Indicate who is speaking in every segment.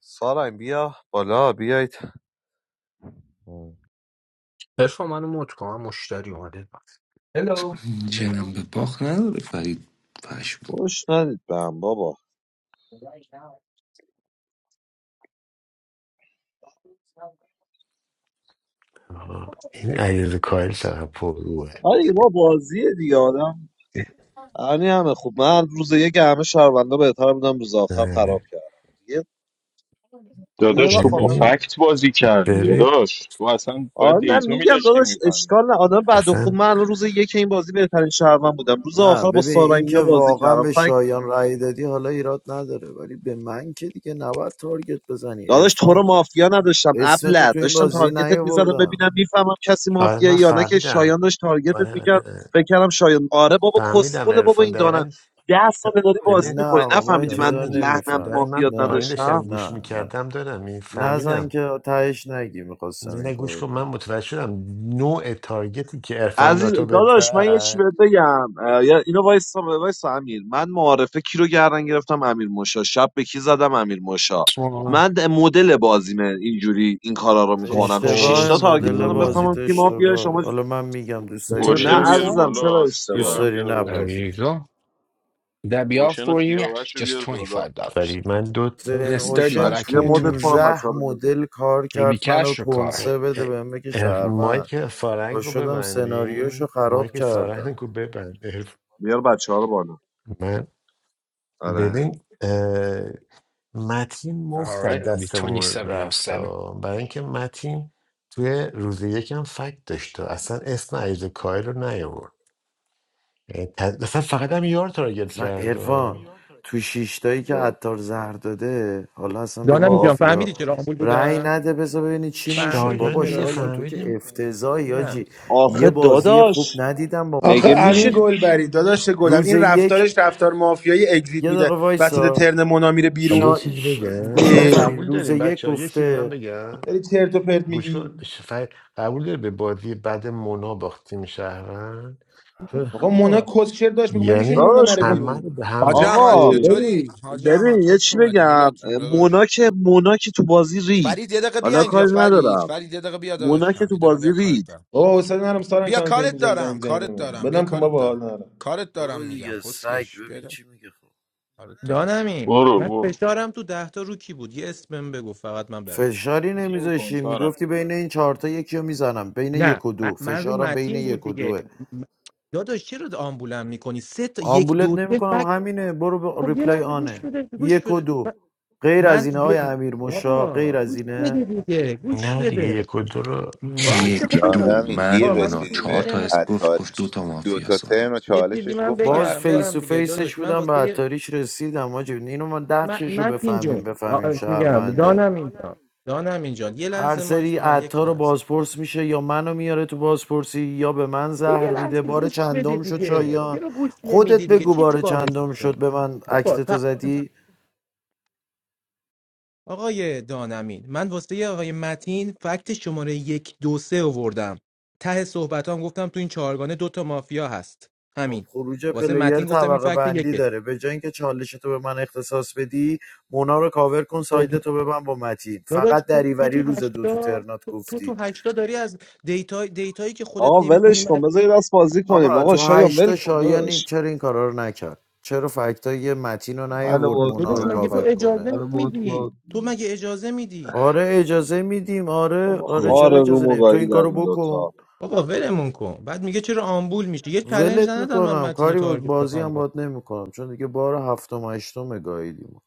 Speaker 1: سارنگ بیا بالا بیایید
Speaker 2: ارفا منو موت کنم من مشتری اومده هلو
Speaker 3: جناب باخ نداره فرید پشم
Speaker 1: خوش ندید به هم بابا
Speaker 4: آها. این علیرضا کاهل چقدر پروه
Speaker 1: آره دیگه ما بازیه دیگه آدم همین همه خوب من روز یک همه شهروندا بهتر بودم روز آخر خراب
Speaker 4: آره.
Speaker 1: کردم یه یه
Speaker 5: داداش تو
Speaker 1: وقت
Speaker 5: با
Speaker 1: آدم
Speaker 4: ببین
Speaker 5: فکت بازی کردی
Speaker 4: ببین
Speaker 5: داداش تو اصلا باید
Speaker 1: آره نه
Speaker 5: دیتا
Speaker 1: میگم
Speaker 5: میداشتی
Speaker 1: داداش اشکال
Speaker 5: میفهمید
Speaker 1: نه آدم بعد و خوب
Speaker 4: اصلا
Speaker 1: من الان روز یک این بازی بهترین شهروند بودم روز
Speaker 6: نه
Speaker 1: آخر با
Speaker 6: ببین
Speaker 1: سارنگ
Speaker 6: این
Speaker 1: اینا
Speaker 6: که
Speaker 1: بازی
Speaker 6: واقعا به
Speaker 1: کردم
Speaker 6: شایان رأی دادی حالا ایراد نداره ولی به من که دیگه نباید تارگت بزنی
Speaker 1: داداش تو رو
Speaker 6: عرفان
Speaker 1: مافیا نداشتم
Speaker 6: اسم تو
Speaker 1: ابله
Speaker 6: تو این
Speaker 1: داشتم
Speaker 6: بازی
Speaker 1: تارگتت میزدم
Speaker 6: نیاوردم
Speaker 1: ببینم میفهمم کسی
Speaker 4: آره
Speaker 1: مافیا
Speaker 4: من
Speaker 1: یا نه که
Speaker 4: فهمیدم
Speaker 1: شایان داشت تارگتت
Speaker 4: آره آره
Speaker 1: میکرد
Speaker 4: آره.
Speaker 1: فکر کردم شایان آره بابا
Speaker 4: فهمیدم
Speaker 1: کسخله بابا
Speaker 4: عرفان
Speaker 1: این دانم
Speaker 4: دقیقا
Speaker 1: ده سال
Speaker 4: دا-
Speaker 1: داری بازی
Speaker 4: ببین
Speaker 6: نه
Speaker 1: میکنی
Speaker 6: آقا، ما این
Speaker 1: نفهمیدی من
Speaker 4: دانم
Speaker 6: چیزا رو
Speaker 4: این
Speaker 1: لحنم
Speaker 4: دارم
Speaker 6: نمیفهمیم
Speaker 4: من
Speaker 1: مافیات
Speaker 6: نه
Speaker 4: پایین
Speaker 1: نداشتم
Speaker 4: داشتم گوش
Speaker 6: نه نه
Speaker 4: میکردم دارم این
Speaker 6: نزن
Speaker 4: فهمیدم
Speaker 6: که تهش نگی میخواستم این
Speaker 4: من گوش
Speaker 6: کارو
Speaker 4: کن من
Speaker 6: کنم
Speaker 4: متوجه شدم نوع تارگتی که عرفان
Speaker 1: عزیز
Speaker 4: ناتو بد
Speaker 1: داداش من یه چی
Speaker 4: زد
Speaker 1: بهت بگم اه، یا اینو وایسا وایسا امیر من معارفه کی رو گردن گرفتم امیر موشا شب به کی زدم امیر موشا
Speaker 2: آه،
Speaker 1: من د- مدل بازیمه اینجوری این کارا رو میکنم تو
Speaker 6: اشتباه
Speaker 1: شیشتا
Speaker 2: turquoise
Speaker 1: تارگت
Speaker 6: مدل
Speaker 1: زدم
Speaker 2: blue
Speaker 6: بازی
Speaker 1: بفهمم
Speaker 2: and-
Speaker 1: کی مافیا
Speaker 6: اشتباه
Speaker 1: شما
Speaker 6: حالا من میگم دوست
Speaker 2: The
Speaker 6: داری
Speaker 1: نه
Speaker 5: اوشن رو
Speaker 2: turquoise
Speaker 5: بیار
Speaker 6: بپذیر
Speaker 1: عزیزم
Speaker 2: one?
Speaker 1: چرا
Speaker 5: بالا
Speaker 1: اشتباه
Speaker 6: دوست
Speaker 5: سیارم
Speaker 6: داری
Speaker 5: بیار بالا
Speaker 2: There
Speaker 6: نپذیر
Speaker 2: you go. Would That be all
Speaker 5: اوشن و
Speaker 2: for you? Yeah.
Speaker 5: سیاوش رو
Speaker 2: Just
Speaker 5: بیار
Speaker 2: twenty
Speaker 5: بالا
Speaker 2: five dollars.
Speaker 4: ولی من دو تا
Speaker 2: And
Speaker 6: حسین
Speaker 2: it's thirty, but
Speaker 6: اوشن
Speaker 2: I
Speaker 1: بچه
Speaker 2: can
Speaker 1: بیا
Speaker 2: do
Speaker 1: مدت
Speaker 2: twenty
Speaker 1: کنم
Speaker 2: five.
Speaker 1: بچه
Speaker 6: 15
Speaker 1: ها رو بزن
Speaker 6: مدل کار
Speaker 2: It'll be
Speaker 6: کرد
Speaker 2: cash
Speaker 6: منو
Speaker 2: or card?
Speaker 4: اه،
Speaker 6: کنسه
Speaker 4: اه،
Speaker 6: بده بهم بگه
Speaker 4: اه،
Speaker 6: شهروند
Speaker 4: مایک
Speaker 6: پا
Speaker 4: سارنگ رو
Speaker 6: شدم سناریوشو
Speaker 4: ببندین
Speaker 6: خراب
Speaker 4: مایک
Speaker 6: کردم
Speaker 4: سارنگ رو ببند عرف-
Speaker 1: بیار بچه ها رو بالا
Speaker 4: من
Speaker 1: آره
Speaker 4: ببین اه، متین
Speaker 2: All
Speaker 4: مفت
Speaker 2: right,
Speaker 4: از
Speaker 2: it'll be
Speaker 4: دستمون رفت
Speaker 2: 2707.
Speaker 4: ها. برای اینکه متین توی روز یکم فکت داشت و اصلا اسم عیز کایل رو نیاورد یعنی ت- اصلا فقط هم یار تارگت
Speaker 6: اصلا
Speaker 4: کرد و
Speaker 6: ارفان تو شیشتایی که
Speaker 1: یا-
Speaker 6: عطار زهر داده حالا اصلا بگو
Speaker 7: دانم جان
Speaker 1: خب
Speaker 7: فهمیدی
Speaker 6: مافیا
Speaker 7: چرا آمبول
Speaker 6: رأی
Speaker 7: بودم
Speaker 6: نده بذار ببینی چی میشه
Speaker 7: فهمیدی
Speaker 6: بابا
Speaker 4: شایان دیگه
Speaker 7: چرا
Speaker 6: شایان
Speaker 7: تو
Speaker 6: تو که
Speaker 4: فهمیدیم
Speaker 6: افتضاحی
Speaker 7: نه
Speaker 6: آجی
Speaker 4: شا-
Speaker 6: یه
Speaker 1: آخه
Speaker 7: چیه؟
Speaker 6: بازی خوب
Speaker 1: داداش
Speaker 6: ندیدم با
Speaker 8: آخه
Speaker 6: ما
Speaker 1: مگه میشه
Speaker 8: امین
Speaker 6: بکنی
Speaker 8: گلبری داداش گلم
Speaker 6: روز
Speaker 8: این رفتارش
Speaker 6: یک
Speaker 8: رفتار مافیایی اگزییت
Speaker 6: یه
Speaker 8: میده
Speaker 6: دقیقه
Speaker 8: وسط
Speaker 6: وایسا
Speaker 8: ترن مونا میره
Speaker 4: حالا یه
Speaker 8: بیرون
Speaker 6: شا...
Speaker 4: چیزی
Speaker 6: ش- گوش
Speaker 4: بگم
Speaker 6: کن
Speaker 4: ولی
Speaker 8: اه.
Speaker 4: قبول
Speaker 6: فرید روز
Speaker 4: داریم
Speaker 6: یک
Speaker 4: بچه ها یه چیزی من
Speaker 6: گفته
Speaker 4: بگم
Speaker 8: داری چرت و پرت
Speaker 4: گوش
Speaker 8: میگی
Speaker 4: کن ش- ف- قبول داری به بازی بعد مونا باختیم شهروند چون
Speaker 8: آقا مونا
Speaker 7: آقا،
Speaker 8: کسشر داشت میگم میشه
Speaker 4: یعنی
Speaker 8: مونا
Speaker 1: داداش
Speaker 8: نره
Speaker 4: همه رو
Speaker 8: بیرون
Speaker 4: به هم
Speaker 2: حاج
Speaker 4: ریخت
Speaker 2: احمد
Speaker 1: آقا
Speaker 8: اه.
Speaker 1: ببین
Speaker 2: چطوری؟ حاج
Speaker 1: ببین
Speaker 2: احمد
Speaker 1: یه
Speaker 2: خوش
Speaker 1: چی
Speaker 2: اومدی
Speaker 1: بگم
Speaker 2: میلاد جون
Speaker 1: مونا
Speaker 2: داداش
Speaker 1: که مونا که تو بازی رید
Speaker 2: فرید یه دقیقه بیا
Speaker 1: حالا
Speaker 2: اینجا
Speaker 1: کاری
Speaker 2: فرید
Speaker 1: ندارم
Speaker 2: فرید یه دقیقه بیا
Speaker 1: مونا که
Speaker 2: داداشم یه
Speaker 1: تو
Speaker 2: دقیقه
Speaker 1: بازی
Speaker 2: بیا
Speaker 1: رید
Speaker 2: کارت دارم
Speaker 8: آقا حسین نرم سارنگ
Speaker 2: بیا
Speaker 8: تام ویب
Speaker 2: کارت
Speaker 8: میزنی زنگ
Speaker 2: دارم
Speaker 8: میزنی به
Speaker 2: کارت
Speaker 8: من
Speaker 2: دارم بیا
Speaker 8: بدم کن
Speaker 2: کارت
Speaker 8: بابا حال
Speaker 2: دارم
Speaker 8: نرم
Speaker 2: کارت دارم
Speaker 6: برو
Speaker 2: میگم
Speaker 6: دیگه سگ
Speaker 2: کسکش
Speaker 6: ببین
Speaker 2: بیا
Speaker 6: چی میگه خب
Speaker 2: کارت دارم
Speaker 7: دانمی
Speaker 5: برو
Speaker 7: من
Speaker 5: برو
Speaker 7: فشارم تو ده تا رو کی بود یه اسمم بگو فقط من برم
Speaker 6: فشاری
Speaker 5: این کن
Speaker 6: نمیذاشی
Speaker 5: سارنگ.
Speaker 6: میگفتی بین این چهارتا یکی رو میزنم بین
Speaker 7: نه
Speaker 6: یک و
Speaker 7: من,
Speaker 6: دو
Speaker 7: من رو
Speaker 6: فشارم بین
Speaker 7: متین بود
Speaker 6: یک و
Speaker 7: دیگه
Speaker 6: دوه
Speaker 7: م- داداش چرا آمبولم میکنی سه تا یک
Speaker 6: آمبولت
Speaker 7: دو سه
Speaker 6: نمیکنم
Speaker 7: فکت
Speaker 6: همینه برو با
Speaker 7: خب یه
Speaker 6: ریپلای
Speaker 7: لحظه گوش
Speaker 6: آنه
Speaker 7: بده گوش
Speaker 6: یک و
Speaker 7: بده
Speaker 6: دو غیر از
Speaker 7: من
Speaker 6: اینه های
Speaker 7: یه-
Speaker 6: امیر مشا
Speaker 7: بابا
Speaker 6: غیر از
Speaker 7: گوش بده
Speaker 6: اینه
Speaker 7: دیگه گوش
Speaker 4: نه دیگه
Speaker 7: بده
Speaker 4: یک و دو رو
Speaker 7: باشه
Speaker 3: یک
Speaker 7: خب
Speaker 3: دو
Speaker 7: بذار
Speaker 9: دانمین
Speaker 3: من
Speaker 9: دیر
Speaker 7: آه من یه
Speaker 3: مونا
Speaker 9: رسیدی
Speaker 7: چیزی
Speaker 3: چهار
Speaker 9: به
Speaker 3: تا
Speaker 7: بگم
Speaker 3: اسم گفت گفت دو
Speaker 9: عطاریش
Speaker 3: تا
Speaker 9: تو دو تا
Speaker 3: مافیاس آقا
Speaker 9: ترن و
Speaker 7: یه چیزی
Speaker 9: چالشش
Speaker 7: من
Speaker 9: گفت من
Speaker 6: باز
Speaker 7: بگم
Speaker 9: عطارم
Speaker 6: فیس
Speaker 7: برم
Speaker 6: تو
Speaker 7: دیگه
Speaker 6: فیسش
Speaker 7: داداش من
Speaker 6: بودم به
Speaker 7: واسه
Speaker 6: عطاریش رسیدم آجی اینو ما
Speaker 7: م-
Speaker 6: دقشش رو
Speaker 7: متین جون
Speaker 6: بفهمیم بفهمیم
Speaker 7: آ- میگم
Speaker 6: شهرونده
Speaker 7: دانم اینجا دانم اینجا یه
Speaker 6: هر
Speaker 7: لحظه مایک
Speaker 6: سری
Speaker 7: به من یک
Speaker 6: عطار رو
Speaker 7: لحظه
Speaker 6: بازپرس میشه یا منو میاره تو بازپرسی یا به من
Speaker 7: یه
Speaker 6: زهر میده
Speaker 7: لحظه
Speaker 6: بار
Speaker 7: گوش بده
Speaker 6: چندم شد
Speaker 7: دیگه
Speaker 6: شایان
Speaker 7: چرا گوش
Speaker 6: خودت
Speaker 7: نمیدی دیگه
Speaker 6: بگو
Speaker 7: چی چی
Speaker 6: بار
Speaker 7: بارش
Speaker 6: چندم
Speaker 7: می‌کنی؟
Speaker 6: شد به من اکت
Speaker 7: بابا
Speaker 6: تو
Speaker 7: ف-
Speaker 6: زدی
Speaker 7: آقای دانمین من واسه یه آقای متین فکت شماره یک دو سه آوردم ته صحبت هم گفتم تو این چهارگانه دوتا مافیا هست
Speaker 6: خب
Speaker 7: همین
Speaker 6: خروج
Speaker 7: واسه
Speaker 6: پلیر
Speaker 7: متین گفتم این
Speaker 6: طبقه
Speaker 7: فکت
Speaker 6: بندی
Speaker 7: یکت
Speaker 6: داره به جای اینکه چالش تو به من اختصاص بدی مونا رو کاور کن
Speaker 7: خب
Speaker 6: ساید تو به من با متین
Speaker 7: داداش
Speaker 6: فقط
Speaker 7: تو تو
Speaker 6: دریوری
Speaker 7: تو
Speaker 6: روز دو تو
Speaker 7: هشتا
Speaker 6: ترنات
Speaker 7: تو تو
Speaker 6: گفتی
Speaker 7: هشتا داری از دیتا دیتایی که خودت
Speaker 1: آقا ولش
Speaker 7: نمیدونی
Speaker 1: کن بذار یه دست بازی کنیم
Speaker 6: آقا
Speaker 1: آقا
Speaker 6: تو
Speaker 1: شایان ول
Speaker 6: هشتا
Speaker 1: کن
Speaker 6: شایان این
Speaker 1: داداش
Speaker 6: چرا این کارا رو نکرد چرا فکتای متین رو
Speaker 10: Manu
Speaker 6: نیاورد
Speaker 10: Motu,
Speaker 6: مونا
Speaker 7: داداش
Speaker 6: رو
Speaker 7: مگه
Speaker 10: Alpha.
Speaker 7: تو
Speaker 6: کاور کنه
Speaker 7: اجازه
Speaker 10: Manu
Speaker 7: میدی تو مگه اجازه میدی
Speaker 6: آره اجازه میدیم آره
Speaker 1: بابا
Speaker 6: آره
Speaker 7: اه.
Speaker 1: خار
Speaker 6: چرا
Speaker 1: روم
Speaker 6: اجازه
Speaker 1: و
Speaker 6: نمیدیم تو
Speaker 1: گاهی
Speaker 6: این
Speaker 1: در
Speaker 6: کارو
Speaker 1: این
Speaker 6: بکن
Speaker 1: دوتا
Speaker 7: بابا ولمون کن بعد میگه چرا آمبول میشه یه چالش
Speaker 6: ولت
Speaker 7: ندادن من
Speaker 6: میکنم
Speaker 7: متین رو
Speaker 6: کاری بود
Speaker 7: تارگت
Speaker 6: بازی
Speaker 7: بخوام
Speaker 6: هم
Speaker 7: کنم
Speaker 6: باد نمیکنم چون دیگه بار هفتم و هشتم گاهیدیم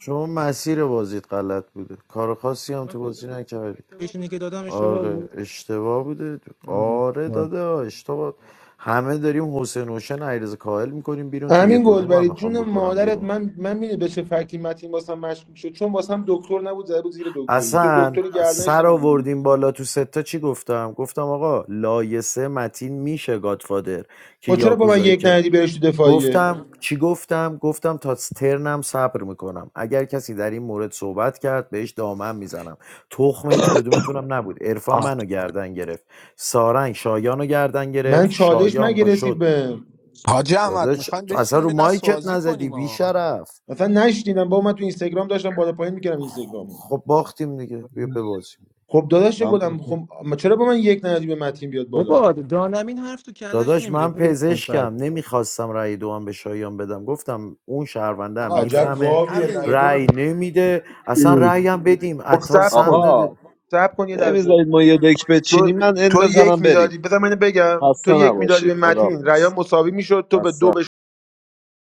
Speaker 6: شما مسیر بازیت غلط بوده کار خاصی هم تو بازی نکردی
Speaker 7: پیشونی که دادم اشتباه
Speaker 6: آره
Speaker 7: بود
Speaker 6: اشتباه بوده
Speaker 7: آه.
Speaker 6: آره
Speaker 7: آه.
Speaker 6: داده اشتباه همه داریم حسین و حسین عیرز کاهل میکنیم بیرون تو
Speaker 8: امین
Speaker 6: یک و دو من
Speaker 8: گلبری
Speaker 6: میخوام
Speaker 8: جون
Speaker 6: بکنم
Speaker 8: مادرت
Speaker 6: بیرون
Speaker 8: من من میره به چه فکری متین واسم مشکوک شد چون واسم دکتر نبود زده بود زیر دکتری تو
Speaker 6: اصلا
Speaker 8: دکتری گردنش
Speaker 6: سر
Speaker 8: نمیگیری
Speaker 6: آوردیم بالا تو ستا چی گفتم گفتم آقا لایسه متین میشه گادفادر که
Speaker 8: خب چرا با من
Speaker 6: یاکوزایی
Speaker 8: یک
Speaker 6: کرد
Speaker 8: ندی برش تو دفاعیه
Speaker 6: گفتم چی گفتم گفتم تا ترنم صبر میکنم اگر کسی در این مورد صحبت کرد بهش دامن میزنم تخم هیچ کدومتونم نبود عرفان
Speaker 2: آه.
Speaker 6: منو گردن گرفت سارنگ شایانو گردن
Speaker 8: من
Speaker 6: گرفت
Speaker 8: چالش
Speaker 6: شایان
Speaker 8: مگه
Speaker 6: پا
Speaker 8: رسید
Speaker 6: شد
Speaker 8: بهم
Speaker 2: حاجی احمد
Speaker 6: داداش
Speaker 2: میخوایم
Speaker 6: تو اصلا
Speaker 2: بشینیم
Speaker 6: رو
Speaker 2: یه دست
Speaker 6: مایکت
Speaker 2: بازی
Speaker 6: نزدی
Speaker 2: کنیم آه.
Speaker 6: بیشرف
Speaker 8: مثلا نشنیدم با من تو اینستاگرام داشتم بالا پایین میکردم اینستاگرامو
Speaker 6: خب باختیم دیگه بیا ببازیم
Speaker 8: خب داداش گفتم
Speaker 10: Motu.
Speaker 8: خب ما چرا با من یک ندادی به متین بیاد بالا
Speaker 7: بابا دانمین حرف تو کلش
Speaker 6: داداش
Speaker 7: نمیره
Speaker 6: من
Speaker 7: ولش کن فرد.
Speaker 6: پزشکم نمیخواستم رأی دوم به شایان بدم گفتم اون شهرونده هم
Speaker 2: آقا
Speaker 8: عجب
Speaker 2: ول
Speaker 6: میفهمه
Speaker 8: گاویه
Speaker 2: همین
Speaker 8: رای دو به
Speaker 6: رأی نمیده اصلا رأی
Speaker 8: اه.
Speaker 6: هم بدیم
Speaker 8: خب
Speaker 6: عطار
Speaker 8: سب
Speaker 6: سم
Speaker 8: کن
Speaker 6: داده
Speaker 1: آقا
Speaker 8: سب کن یه لحظه
Speaker 1: نمیذارید ما یه دک
Speaker 8: تو
Speaker 1: بچینیم من ان
Speaker 8: تو یک
Speaker 1: بزنم بریم
Speaker 8: میدادی بذار من اینو بگم تو
Speaker 1: خسته
Speaker 8: یک میدادی
Speaker 1: نباشید
Speaker 8: به متین ریا
Speaker 1: خداحافظ
Speaker 8: مساوی میشد تو به
Speaker 1: خسته
Speaker 8: دو